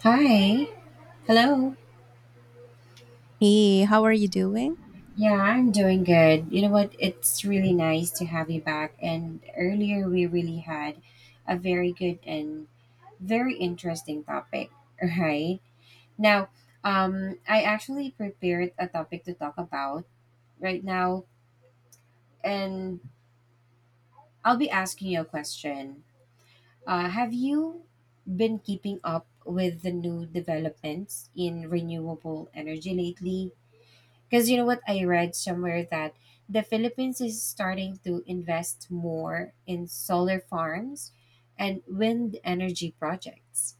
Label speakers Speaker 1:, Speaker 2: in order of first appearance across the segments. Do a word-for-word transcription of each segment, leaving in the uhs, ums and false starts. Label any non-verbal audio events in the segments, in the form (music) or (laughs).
Speaker 1: Hi. Hello.
Speaker 2: Hey, how are you doing?
Speaker 1: Yeah, I'm doing good. You know what? It's really nice to have you back. And earlier we really had a very good and very interesting topic, (laughs) right? Now, um, I actually prepared a topic to talk about right now, and I'll be asking you a question. Uh, have you been keeping up with the new developments in renewable energy lately? Because you know what? I read somewhere that the Philippines is starting to invest more in solar farms and wind energy projects.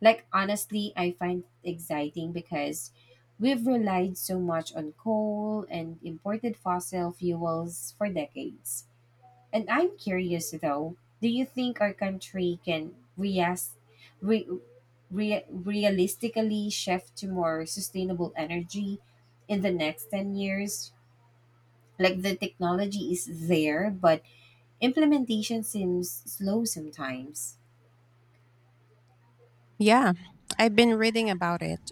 Speaker 1: Like, honestly, I find it exciting because we've relied so much on coal and imported fossil fuels for decades. And I'm curious though, do you think our country can reas- re- re- realistically shift to more sustainable energy in the next ten years? Like the technology is there, but implementation seems slow sometimes.
Speaker 2: Yeah, I've been reading about it.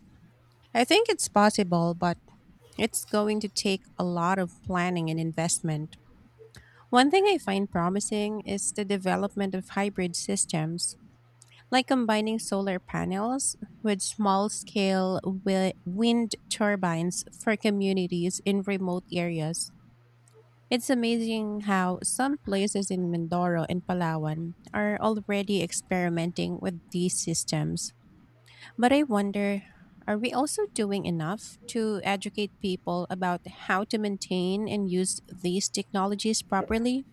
Speaker 2: I think it's possible, but it's going to take a lot of planning and investment. One thing I find promising is the development of hybrid systems, like combining solar panels with small scale wind turbines for communities in remote areas. It's amazing how some places in Mindoro and Palawan are already experimenting with these systems. But I wonder, are we also doing enough to educate people about how to maintain and use these technologies properly?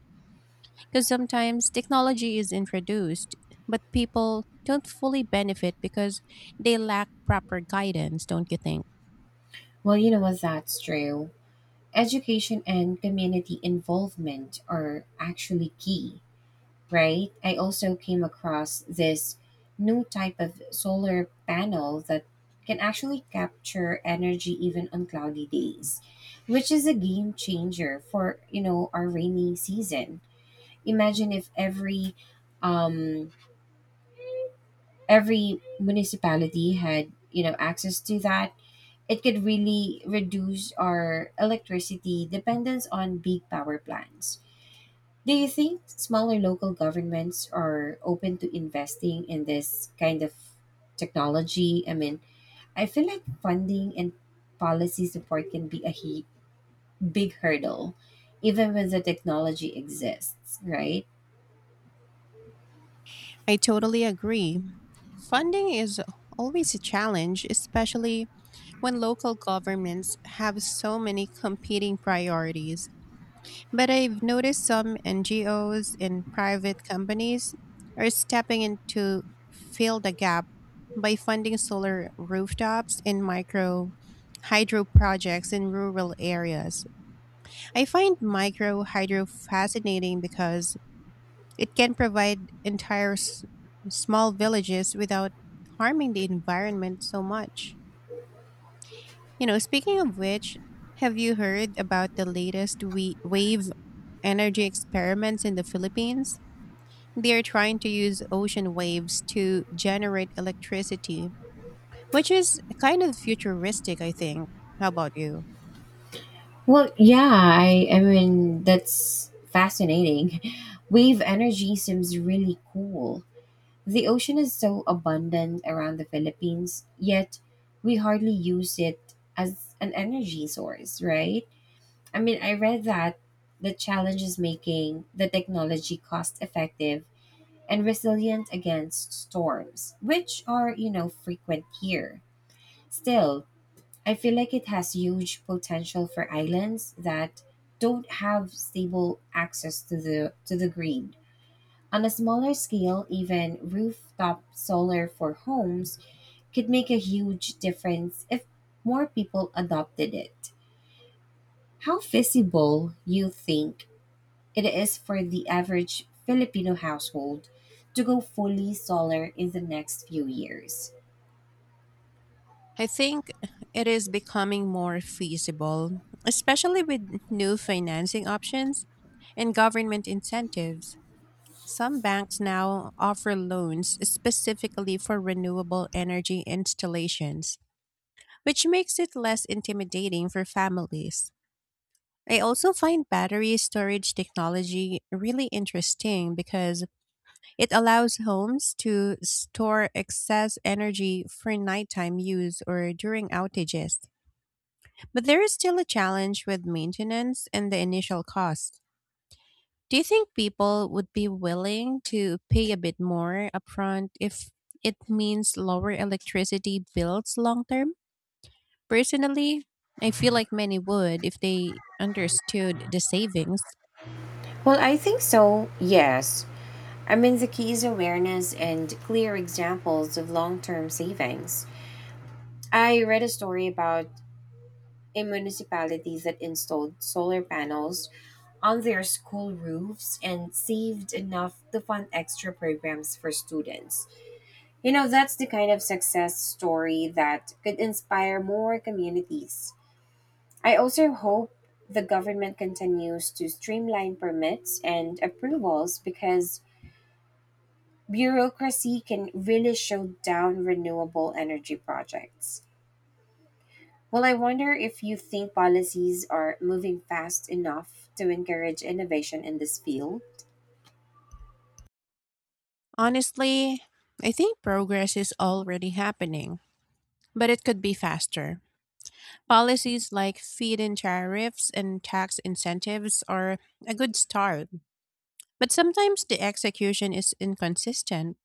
Speaker 2: Because sometimes technology is introduced, but people don't fully benefit because they lack proper guidance, don't you think?
Speaker 1: Well, you know what? That's true. Education and community involvement are actually key, right? I also came across this new type of solar panel that can actually capture energy even on cloudy days, which is a game changer for, you know, our rainy season. Imagine if every um every municipality had, you know, access to that. It could really reduce our electricity dependence on big power plants. Do you think smaller local governments are open to investing in this kind of technology? I mean, I feel like funding and policy support can be a he- big hurdle, even when the technology exists, right?
Speaker 2: I totally agree. Funding is always a challenge, especially when local governments have so many competing priorities. But I've noticed some N G Os and private companies are stepping in to fill the gap by funding solar rooftops and micro hydro projects in rural areas. I find micro hydro fascinating because it can provide entire s- small villages without harming the environment so much. You know, speaking of which, have you heard about the latest we- wave energy experiments in the Philippines? They are trying to use ocean waves to generate electricity, which is kind of futuristic, I think. How about you?
Speaker 1: Well, yeah, I, I mean, that's fascinating. (laughs) Wave energy seems really cool. The ocean is so abundant around the Philippines, yet we hardly use it as an energy source, right? I mean, I read that the challenge is making the technology cost effective and resilient against storms, which are, you know, frequent here. Still, I feel like it has huge potential for islands that don't have stable access to the to the grid. On a smaller scale, even rooftop solar for homes could make a huge difference if more people adopted it. How feasible you think it is for the average Filipino household to go fully solar in the next few years?
Speaker 2: I think it is becoming more feasible, especially with new financing options and government incentives. Some banks now offer loans specifically for renewable energy installations, which makes it less intimidating for families. I also find battery storage technology really interesting because it allows homes to store excess energy for nighttime use or during outages. But there is still a challenge with maintenance and the initial cost. Do you think people would be willing to pay a bit more upfront if it means lower electricity bills long term? Personally, I feel like many would if they understood the savings.
Speaker 1: Well, I think so, yes. I mean, the key is awareness and clear examples of long term savings. I read a story about a municipality that installed solar panels on their school roofs and saved enough to fund extra programs for students. You know, that's the kind of success story that could inspire more communities. I also hope the government continues to streamline permits and approvals because bureaucracy can really shut down renewable energy projects. Well, I wonder if you think policies are moving fast enough to encourage innovation in this field.
Speaker 2: Honestly, I think progress is already happening, but it could be faster. Policies like feed in tariffs and tax incentives are a good start, but sometimes the execution is inconsistent.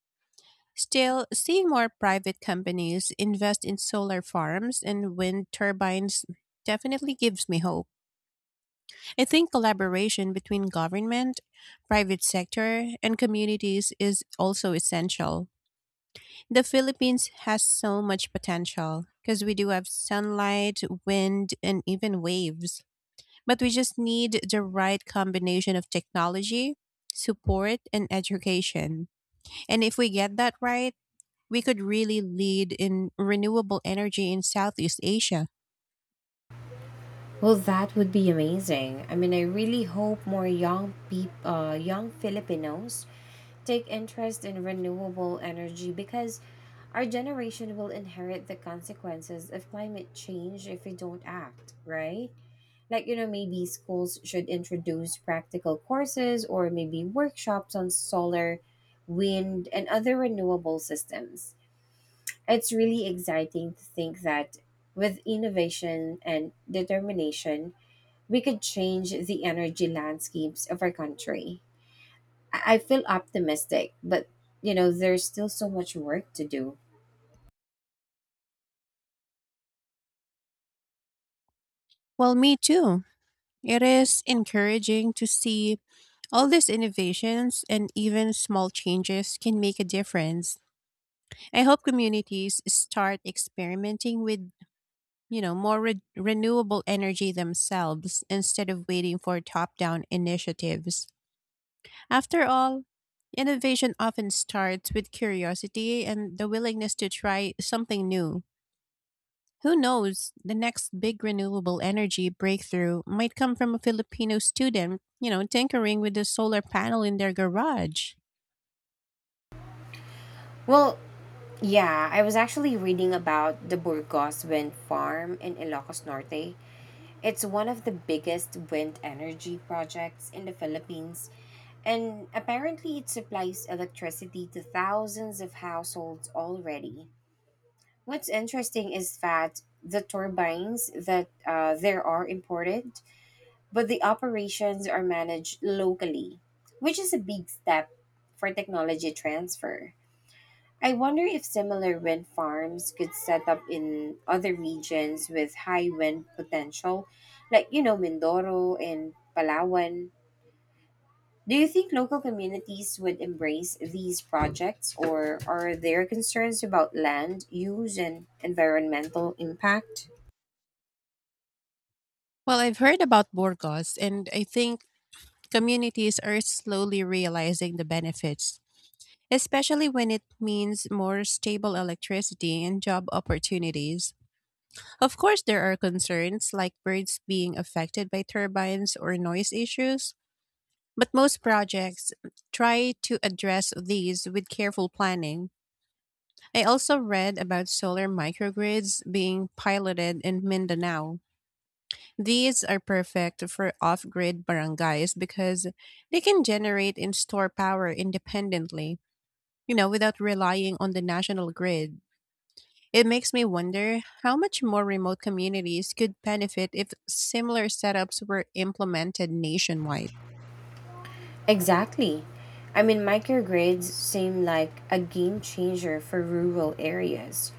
Speaker 2: Still, seeing more private companies invest in solar farms and wind turbines definitely gives me hope. I think collaboration between government, private sector, and communities is also essential. The Philippines has so much potential because we do have sunlight, wind, and even waves. But we just need the right combination of technology, support, and education. And if we get that right, we could really lead in renewable energy in Southeast Asia.
Speaker 1: Well, that would be amazing. I mean, I really hope more young peop uh, young Filipinos take interest in renewable energy because our generation will inherit the consequences of climate change if we don't act, right? Like, you know, maybe schools should introduce practical courses or maybe workshops on solar, wind, and other renewable systems. It's really exciting to think that with innovation and determination, we could change the energy landscapes of our country. I I feel optimistic, but you know, there's still so much work to do.
Speaker 2: Well, me too. It is encouraging to see all these innovations, and even small changes can make a difference. I hope communities start experimenting with, you know, more re- renewable energy themselves instead of waiting for top down initiatives. After all, innovation often starts with curiosity and the willingness to try something new. Who knows, the next big renewable energy breakthrough might come from a Filipino student, you know, tinkering with a solar panel in their garage.
Speaker 1: Well, yeah, I was actually reading about the Burgos wind farm in Ilocos Norte. It's one of the biggest wind energy projects in the Philippines, and apparently it supplies electricity to thousands of households already. What's interesting is that the turbines that uh, there are imported but the operations are managed locally, which is a big step for technology transfer. I wonder if similar wind farms could set up in other regions with high wind potential, like, you know, Mindoro and Palawan. Do you think local communities would embrace these projects, or are there concerns about land use and environmental impact?
Speaker 2: Well, I've heard about Burgos, and I think communities are slowly realizing the benefits, especially when it means more stable electricity and job opportunities. Of course, there are concerns like birds being affected by turbines or noise issues, but most projects try to address these with careful planning. I also read about solar microgrids being piloted in Mindanao. These are perfect for off grid barangays because they can generate and store power independently, you know, without relying on the national grid. It makes me wonder how much more remote communities could benefit if similar setups were implemented nationwide.
Speaker 1: Exactly. I mean, microgrids seem like a game changer for rural areas.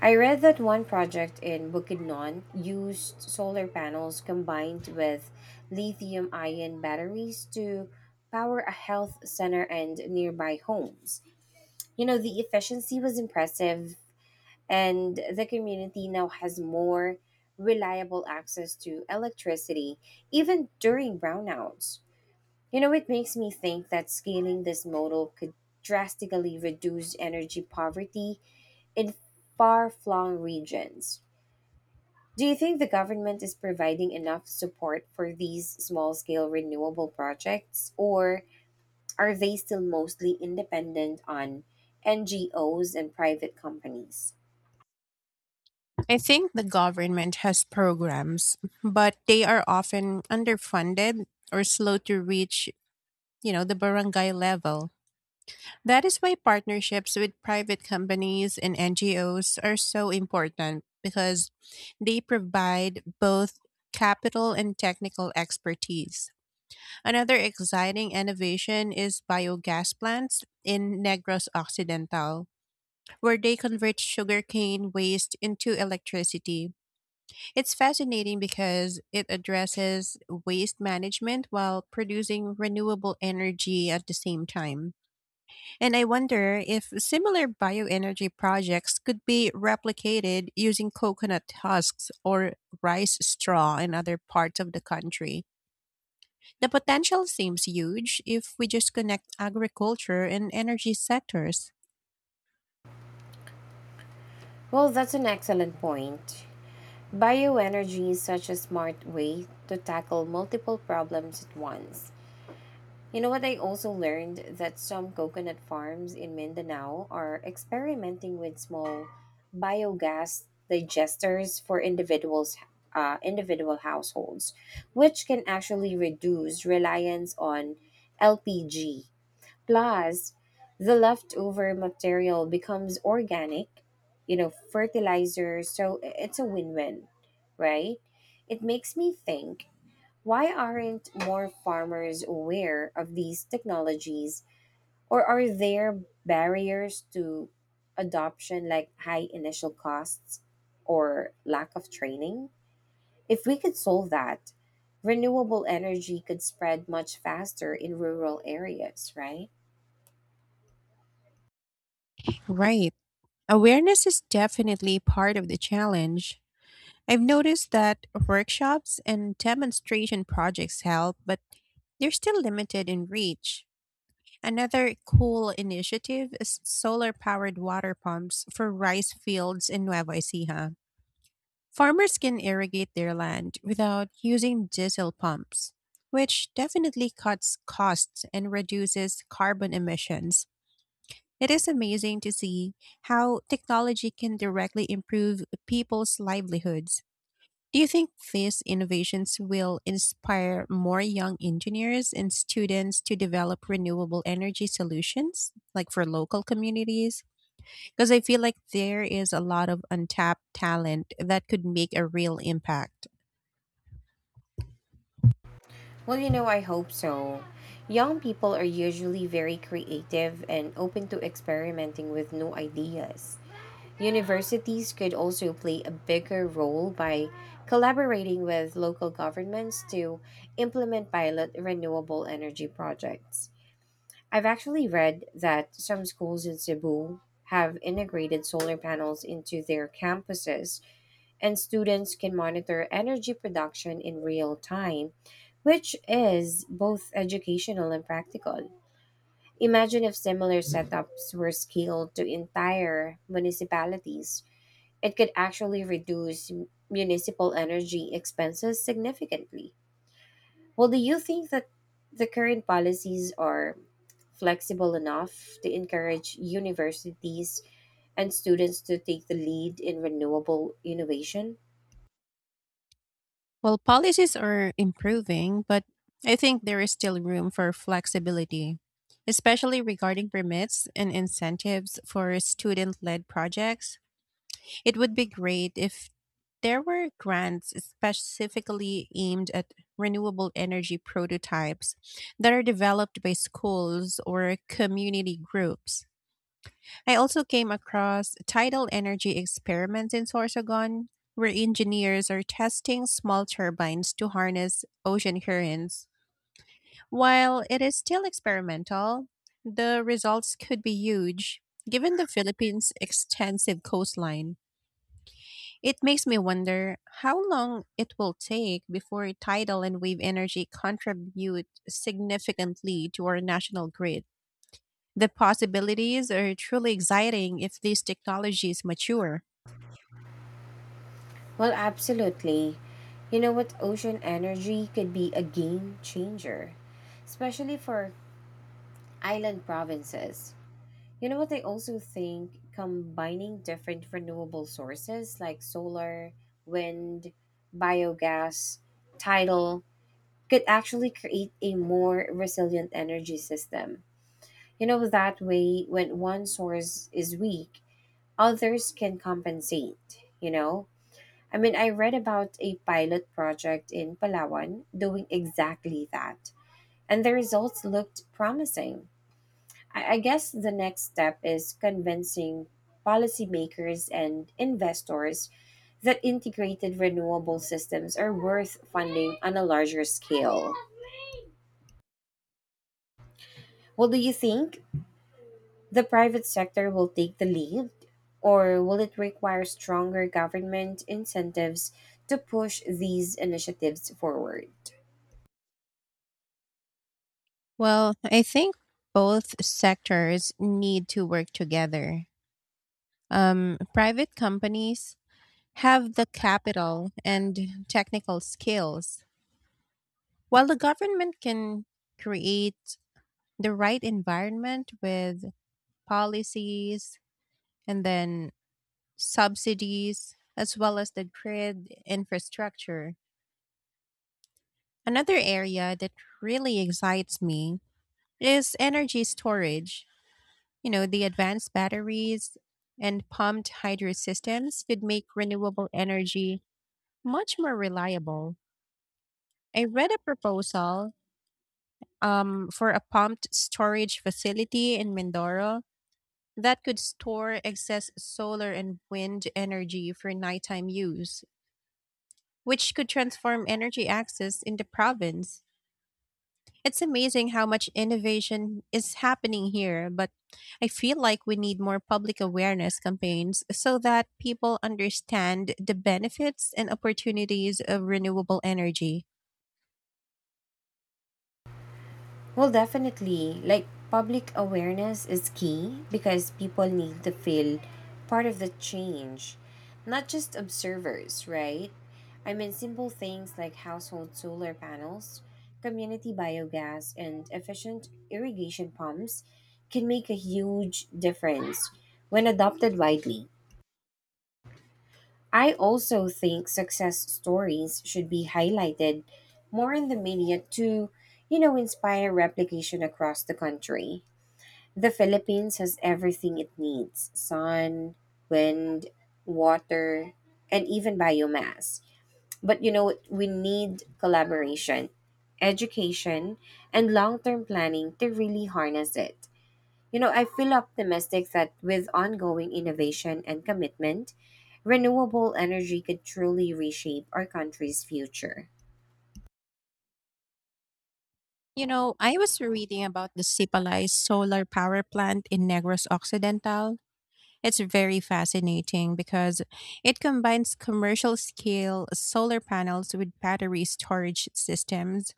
Speaker 1: I read that one project in Bukidnon used solar panels combined with lithium ion batteries to power a health center and nearby homes. You know, the efficiency was impressive, and the community now has more reliable access to electricity, even during brownouts. You know, it makes me think that scaling this model could drastically reduce energy poverty in far flung regions. Do you think the government is providing enough support for these small scale renewable projects, or are they still mostly independent on N G Os and private companies?
Speaker 2: I think the government has programs, but they are often underfunded or slow to reach, you know, the barangay level. That is why partnerships with private companies and N G Os are so important, because they provide both capital and technical expertise. Another exciting innovation is biogas plants in Negros Occidental, where they convert sugarcane waste into electricity. It's fascinating because it addresses waste management while producing renewable energy at the same time. And I wonder if similar bioenergy projects could be replicated using coconut husks or rice straw in other parts of the country. The potential seems huge if we just connect agriculture and energy sectors.
Speaker 1: Well, that's an excellent point. Bioenergy is such a smart way to tackle multiple problems at once. You know what? I also learned that some coconut farms in Mindanao are experimenting with small biogas digesters for individuals, uh, individual households, which can actually reduce reliance on L P G. Plus, the leftover material becomes organic, you know, fertilizer. So i- it's a win-win, right? It makes me think why aren't more farmers aware of these technologies, or are there barriers to adoption like high initial costs or lack of training? If we could solve that, renewable energy could spread much faster in rural areas, right?
Speaker 2: Right. Awareness is definitely part of the challenge. I've noticed that workshops and demonstration projects help, but they're still limited in reach. Another cool initiative is solar powered water pumps for rice fields in Nueva Ecija. Farmers can irrigate their land without using diesel pumps, which definitely cuts costs and reduces carbon emissions. It is amazing to see how technology can directly improve people's livelihoods. Do you think these innovations will inspire more young engineers and students to develop renewable energy solutions, like for local communities? Because I feel like there is a lot of untapped talent that could make a real impact.
Speaker 1: Well, you know, I hope so. Young people are usually very creative and open to experimenting with new ideas. Universities could also play a bigger role by collaborating with local governments to implement pilot renewable energy projects. I've actually read that some schools in Cebu have integrated solar panels into their campuses, and students can monitor energy production in real time, which is both educational and practical. Imagine if similar setups were scaled to entire municipalities it could actually reduce municipal energy expenses significantly. Well, do you think that the current policies are flexible enough to encourage universities and students to take the lead in renewable innovation?
Speaker 2: Well, policies are improving, but I think there is still room for flexibility, especially regarding permits and incentives for student led projects. It would be great if there were grants specifically aimed at renewable energy prototypes that are developed by schools or community groups. I also came across tidal energy experiments in Sorsogon, where engineers are testing small turbines to harness ocean currents. While it is still experimental, the results could be huge. Given the Philippines' extensive coastline, it makes me wonder how long it will take before tidal and wave energy contribute significantly to our national grid. The possibilities are truly exciting if these technologies mature.
Speaker 1: Well, absolutely. You know what? Ocean energy could be a game changer, especially for island provinces. You know what I also think combining different renewable sources like solar, wind, biogas, tidal could actually create a more resilient energy system. You know that way when one source is weak, others can compensate, you know? I mean, I read about a pilot project in Palawan doing exactly that, and the results looked promising I I guess the next step is convincing policymakers and investors that integrated renewable systems are worth funding on a larger scale. Well, do you think the private sector will take the lead, or will it require stronger government incentives to push these initiatives forward?
Speaker 2: Well, I think both sectors need to work together. Um, private companies have the capital and technical skills, while the government can create the right environment with policies and then subsidies, as well as the grid infrastructure. Another area that really excites me is energy storage. You know, the advanced batteries and pumped hydro systems could make renewable energy much more reliable. I read a proposal, um, for a pumped storage facility in Mindoro that could store excess solar and wind energy for nighttime use, which could transform energy access in the province. It's amazing how much innovation is happening here, but I feel like we need more public awareness campaigns so that people understand the benefits and opportunities of renewable energy.
Speaker 1: Well, definitely. Like, public awareness is key because people need to feel part of the change, not just observers, right? I mean, simple things like household solar panels, community biogas, and efficient irrigation pumps can make a huge difference when adopted widely. I also think success stories should be highlighted more in the media to, you know, inspire replication across the country. The Philippines has everything it needs sun, wind, water, and even biomass. But you know, we need collaboration, education, and long term planning to really harness it. You know, I feel optimistic that with ongoing innovation and commitment, renewable energy could truly reshape our country's future.
Speaker 2: You know, I was reading about the Sipalay solar power plant in Negros Occidental. It's very fascinating because it combines commercial scale solar panels with battery storage systems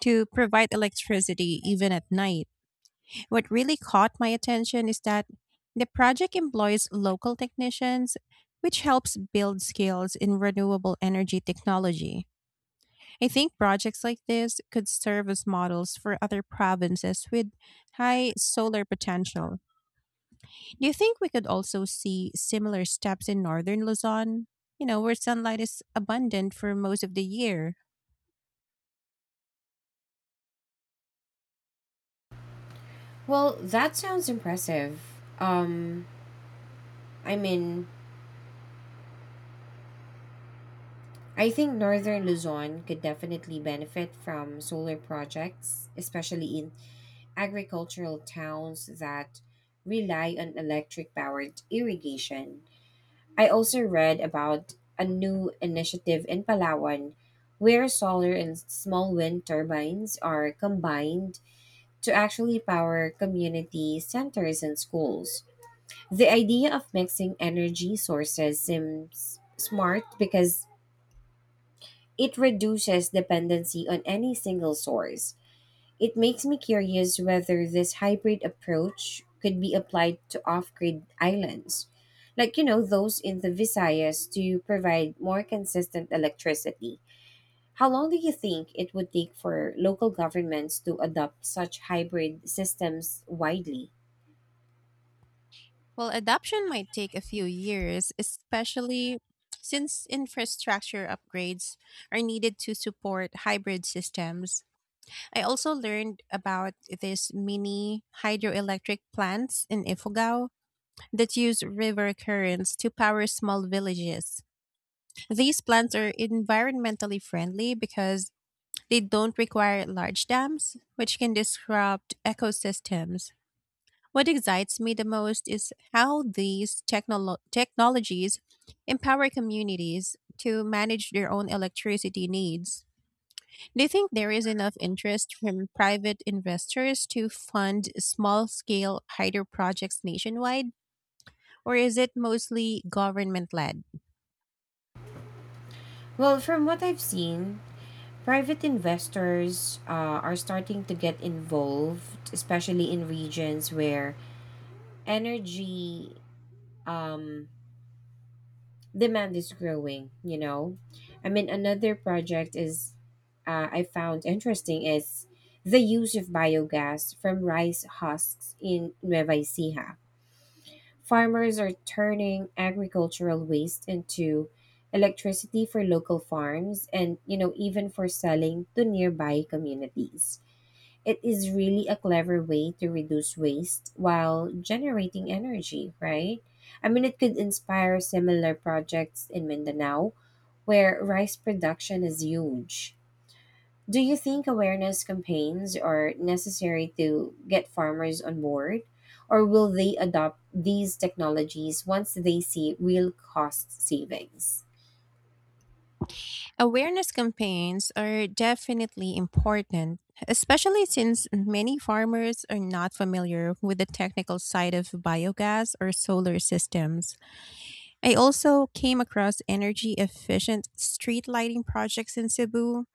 Speaker 2: to provide electricity even at night. What really caught my attention is that the project employs local technicians, which helps build skills in renewable energy technology. I think projects like this could serve as models for other provinces with high solar potential. Do you think we could also see similar steps in northern Luzon? You know, where sunlight is abundant for most of the year.
Speaker 1: Well, that sounds impressive. Um, I mean, I think northern Luzon could definitely benefit from solar projects, especially in agricultural towns that rely on electric powered irrigation. I also read about a new initiative in Palawan where solar and small wind turbines are combined to actually power community centers and schools. The idea of mixing energy sources seems smart because it reduces dependency on any single source. It makes me curious whether this hybrid approach could be applied to off grid islands, like, you know, those in the Visayas to provide more consistent electricity. How long do you think it would take for local governments to adopt such hybrid systems widely?
Speaker 2: Well, adoption might take a few years, especially since infrastructure upgrades are needed to support hybrid systems. I also learned about these mini hydroelectric plants in Ifugao that use river currents to power small villages. These plants are environmentally friendly because they don't require large dams, which can disrupt ecosystems. What excites me the most is how these technolo- technologies empower communities to manage their own electricity needs. Do you think there is enough interest from private investors to fund small scale hydro projects nationwide, or is it mostly government led?
Speaker 1: Well, from what I've seen, private investors uh, are starting to get involved, especially in regions where energy um, demand is growing, you know. I mean, another project is uh, I found interesting is the use of biogas from rice husks in Nueva Ecija. Farmers are turning agricultural waste into electricity for local farms and, you know, even for selling to nearby communities. It is really a clever way to reduce waste while generating energy, right? I mean, it could inspire similar projects in Mindanao where rice production is huge. Do you think awareness campaigns are necessary to get farmers on board? Or will they adopt these technologies once they see real cost savings?
Speaker 2: Awareness campaigns are definitely important, especially since many farmers are not familiar with the technical side of biogas or solar systems. I also came across energy efficient street lighting projects in Cebu.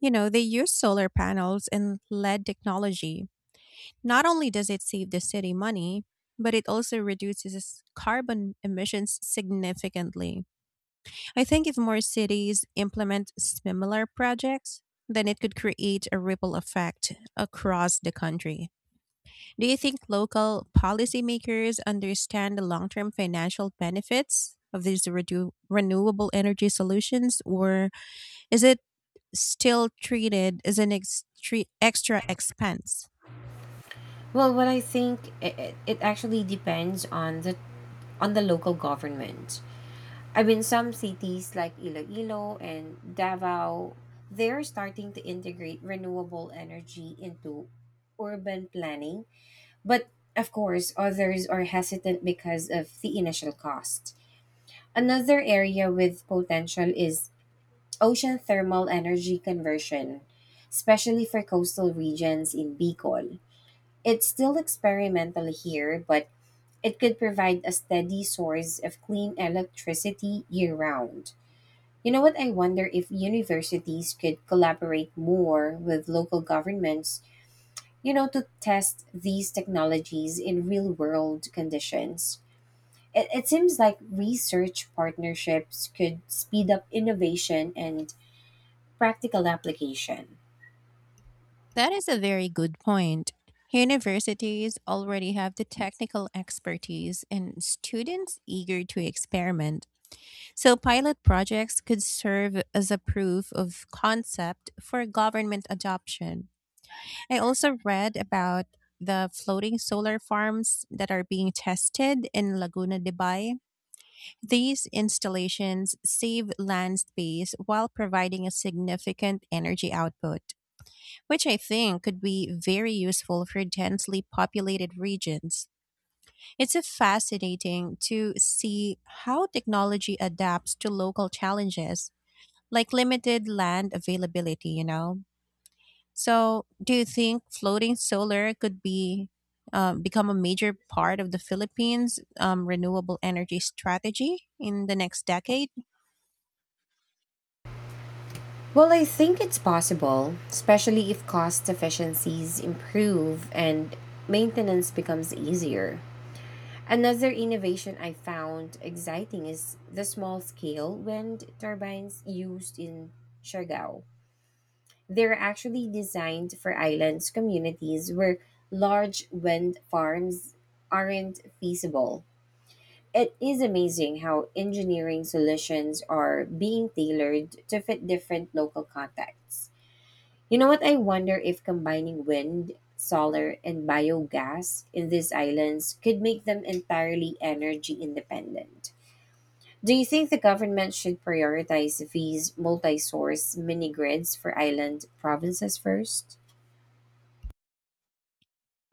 Speaker 2: You know, they use solar panels and L E D technology. Not only does it save the city money, but it also reduces its carbon emissions significantly. I think if more cities implement similar projects, then it could create a ripple effect across the country. Do you think local policymakers understand the long term financial benefits of these redu- renewable energy solutions, or is it still treated as an extre- extra expense?
Speaker 1: Well, what I think it, it, it actually depends on the on the local government. I mean, some cities like Iloilo and Davao, they're starting to integrate renewable energy into urban planning. But of course, others are hesitant because of the initial cost. Another area with potential is ocean thermal energy conversion, especially for coastal regions in Bicol. It's still experimental here, but it could provide a steady source of clean electricity year round. You know what? I wonder if universities could collaborate more with local governments, you know, to test these technologies in real world conditions. It, it seems like research partnerships could speed up innovation and practical application.
Speaker 2: That is a very good point. Universities already have the technical expertise and students eager to experiment. So, pilot projects could serve as a proof of concept for government adoption. I also read about the floating solar farms that are being tested in Laguna de Bay. These installations save land space while providing a significant energy output, which I think could be very useful for densely populated regions. It's a fascinating to see how technology adapts to local challenges like limited land availability, you know? So, do you think floating solar could be, um, become a major part of the Philippines' um, renewable energy strategy in the next decade?
Speaker 1: Well, I think it's possible, especially if cost efficiencies improve and maintenance becomes easier. Another innovation I found exciting is the small scale wind turbines used in Siargao. They're actually designed for islands communities where large wind farms aren't feasible. It is amazing how engineering solutions are being tailored to fit different local contexts. You know what? I wonder if combining wind, solar, and biogas in these islands could make them entirely energy independent. Do you think the government should prioritize these multi source mini grids for island provinces first?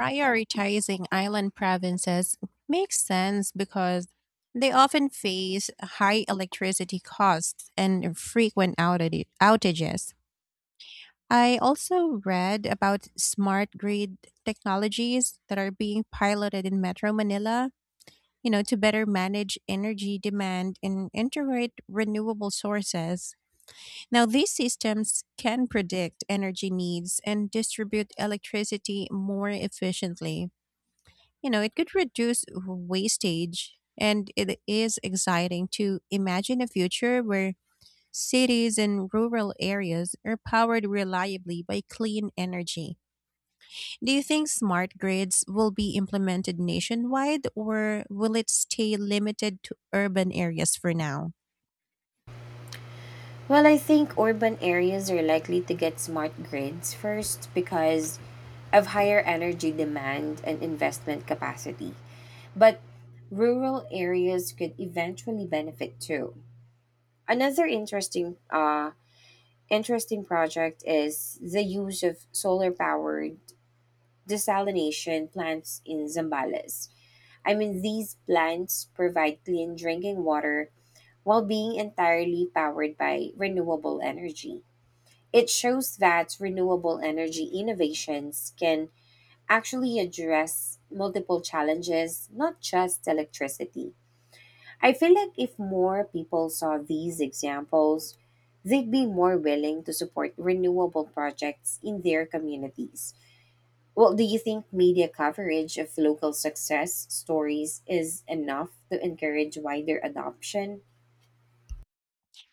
Speaker 2: Prioritizing island provinces makes sense because they often face high electricity costs and frequent outage- outages. I also read about smart grid technologies that are being piloted in Metro Manila, you know, to better manage energy demand and integrate renewable sources. Now, these systems can predict energy needs and distribute electricity more efficiently. You know, it could reduce wastage, and it is exciting to imagine a future where cities and rural areas are powered reliably by clean energy. Do you think smart grids will be implemented nationwide, or will it stay limited to urban areas for now?
Speaker 1: Well, I think urban areas are likely to get smart grids first because of higher energy demand and investment capacity. But rural areas could eventually benefit too. Another interesting uh interesting project is the use of solar powered desalination plants in Zambales. I mean, these plants provide clean drinking water while being entirely powered by renewable energy. It shows that renewable energy innovations can actually address multiple challenges, not just electricity. I feel like if more people saw these examples, they'd be more willing to support renewable projects in their communities. Well, do you think media coverage of local success stories is enough to encourage wider adoption?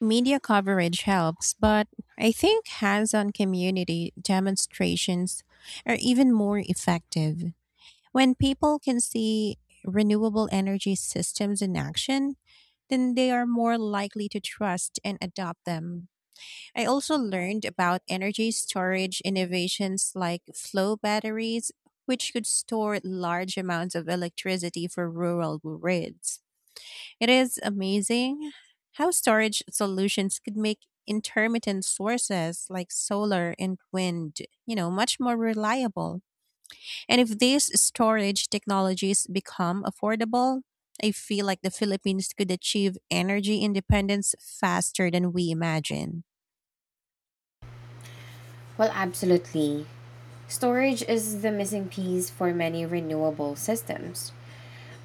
Speaker 2: Media coverage helps, but I think hands on community demonstrations are even more effective. When people can see renewable energy systems in action, then they are more likely to trust and adopt them. I also learned about energy storage innovations like flow batteries, which could store large amounts of electricity for rural grids. It is amazing how storage solutions could make intermittent sources like solar and wind, you know, much more reliable. And if these storage technologies become affordable, I feel like the Philippines could achieve energy independence faster than we imagine.
Speaker 1: Well, absolutely. Storage is the missing piece for many renewable systems.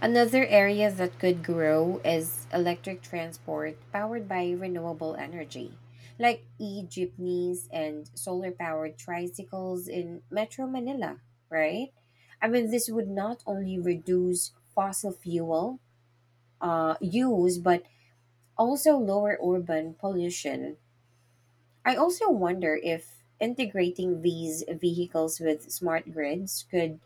Speaker 1: Another area that could grow is electric transport powered by renewable energy, like e jeepneys and solar powered tricycles in Metro Manila, right? I mean, this would not only reduce fossil fuel uh, use, but also lower urban pollution. I also wonder if integrating these vehicles with smart grids could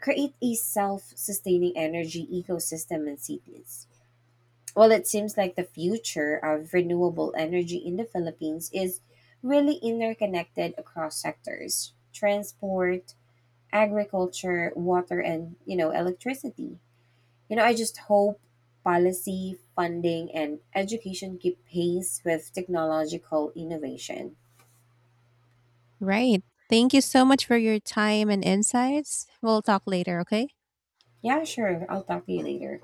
Speaker 1: create a self sustaining energy ecosystem in cities. Well, it seems like the future of renewable energy in the Philippines is really interconnected across sectors transport, agriculture, water, and, you know, electricity. You know, I just hope policy, funding, and education keep pace with technological innovation.
Speaker 2: Right. Thank you so much for your time and insights. We'll talk later, okay?
Speaker 1: Yeah, sure. I'll talk to you later.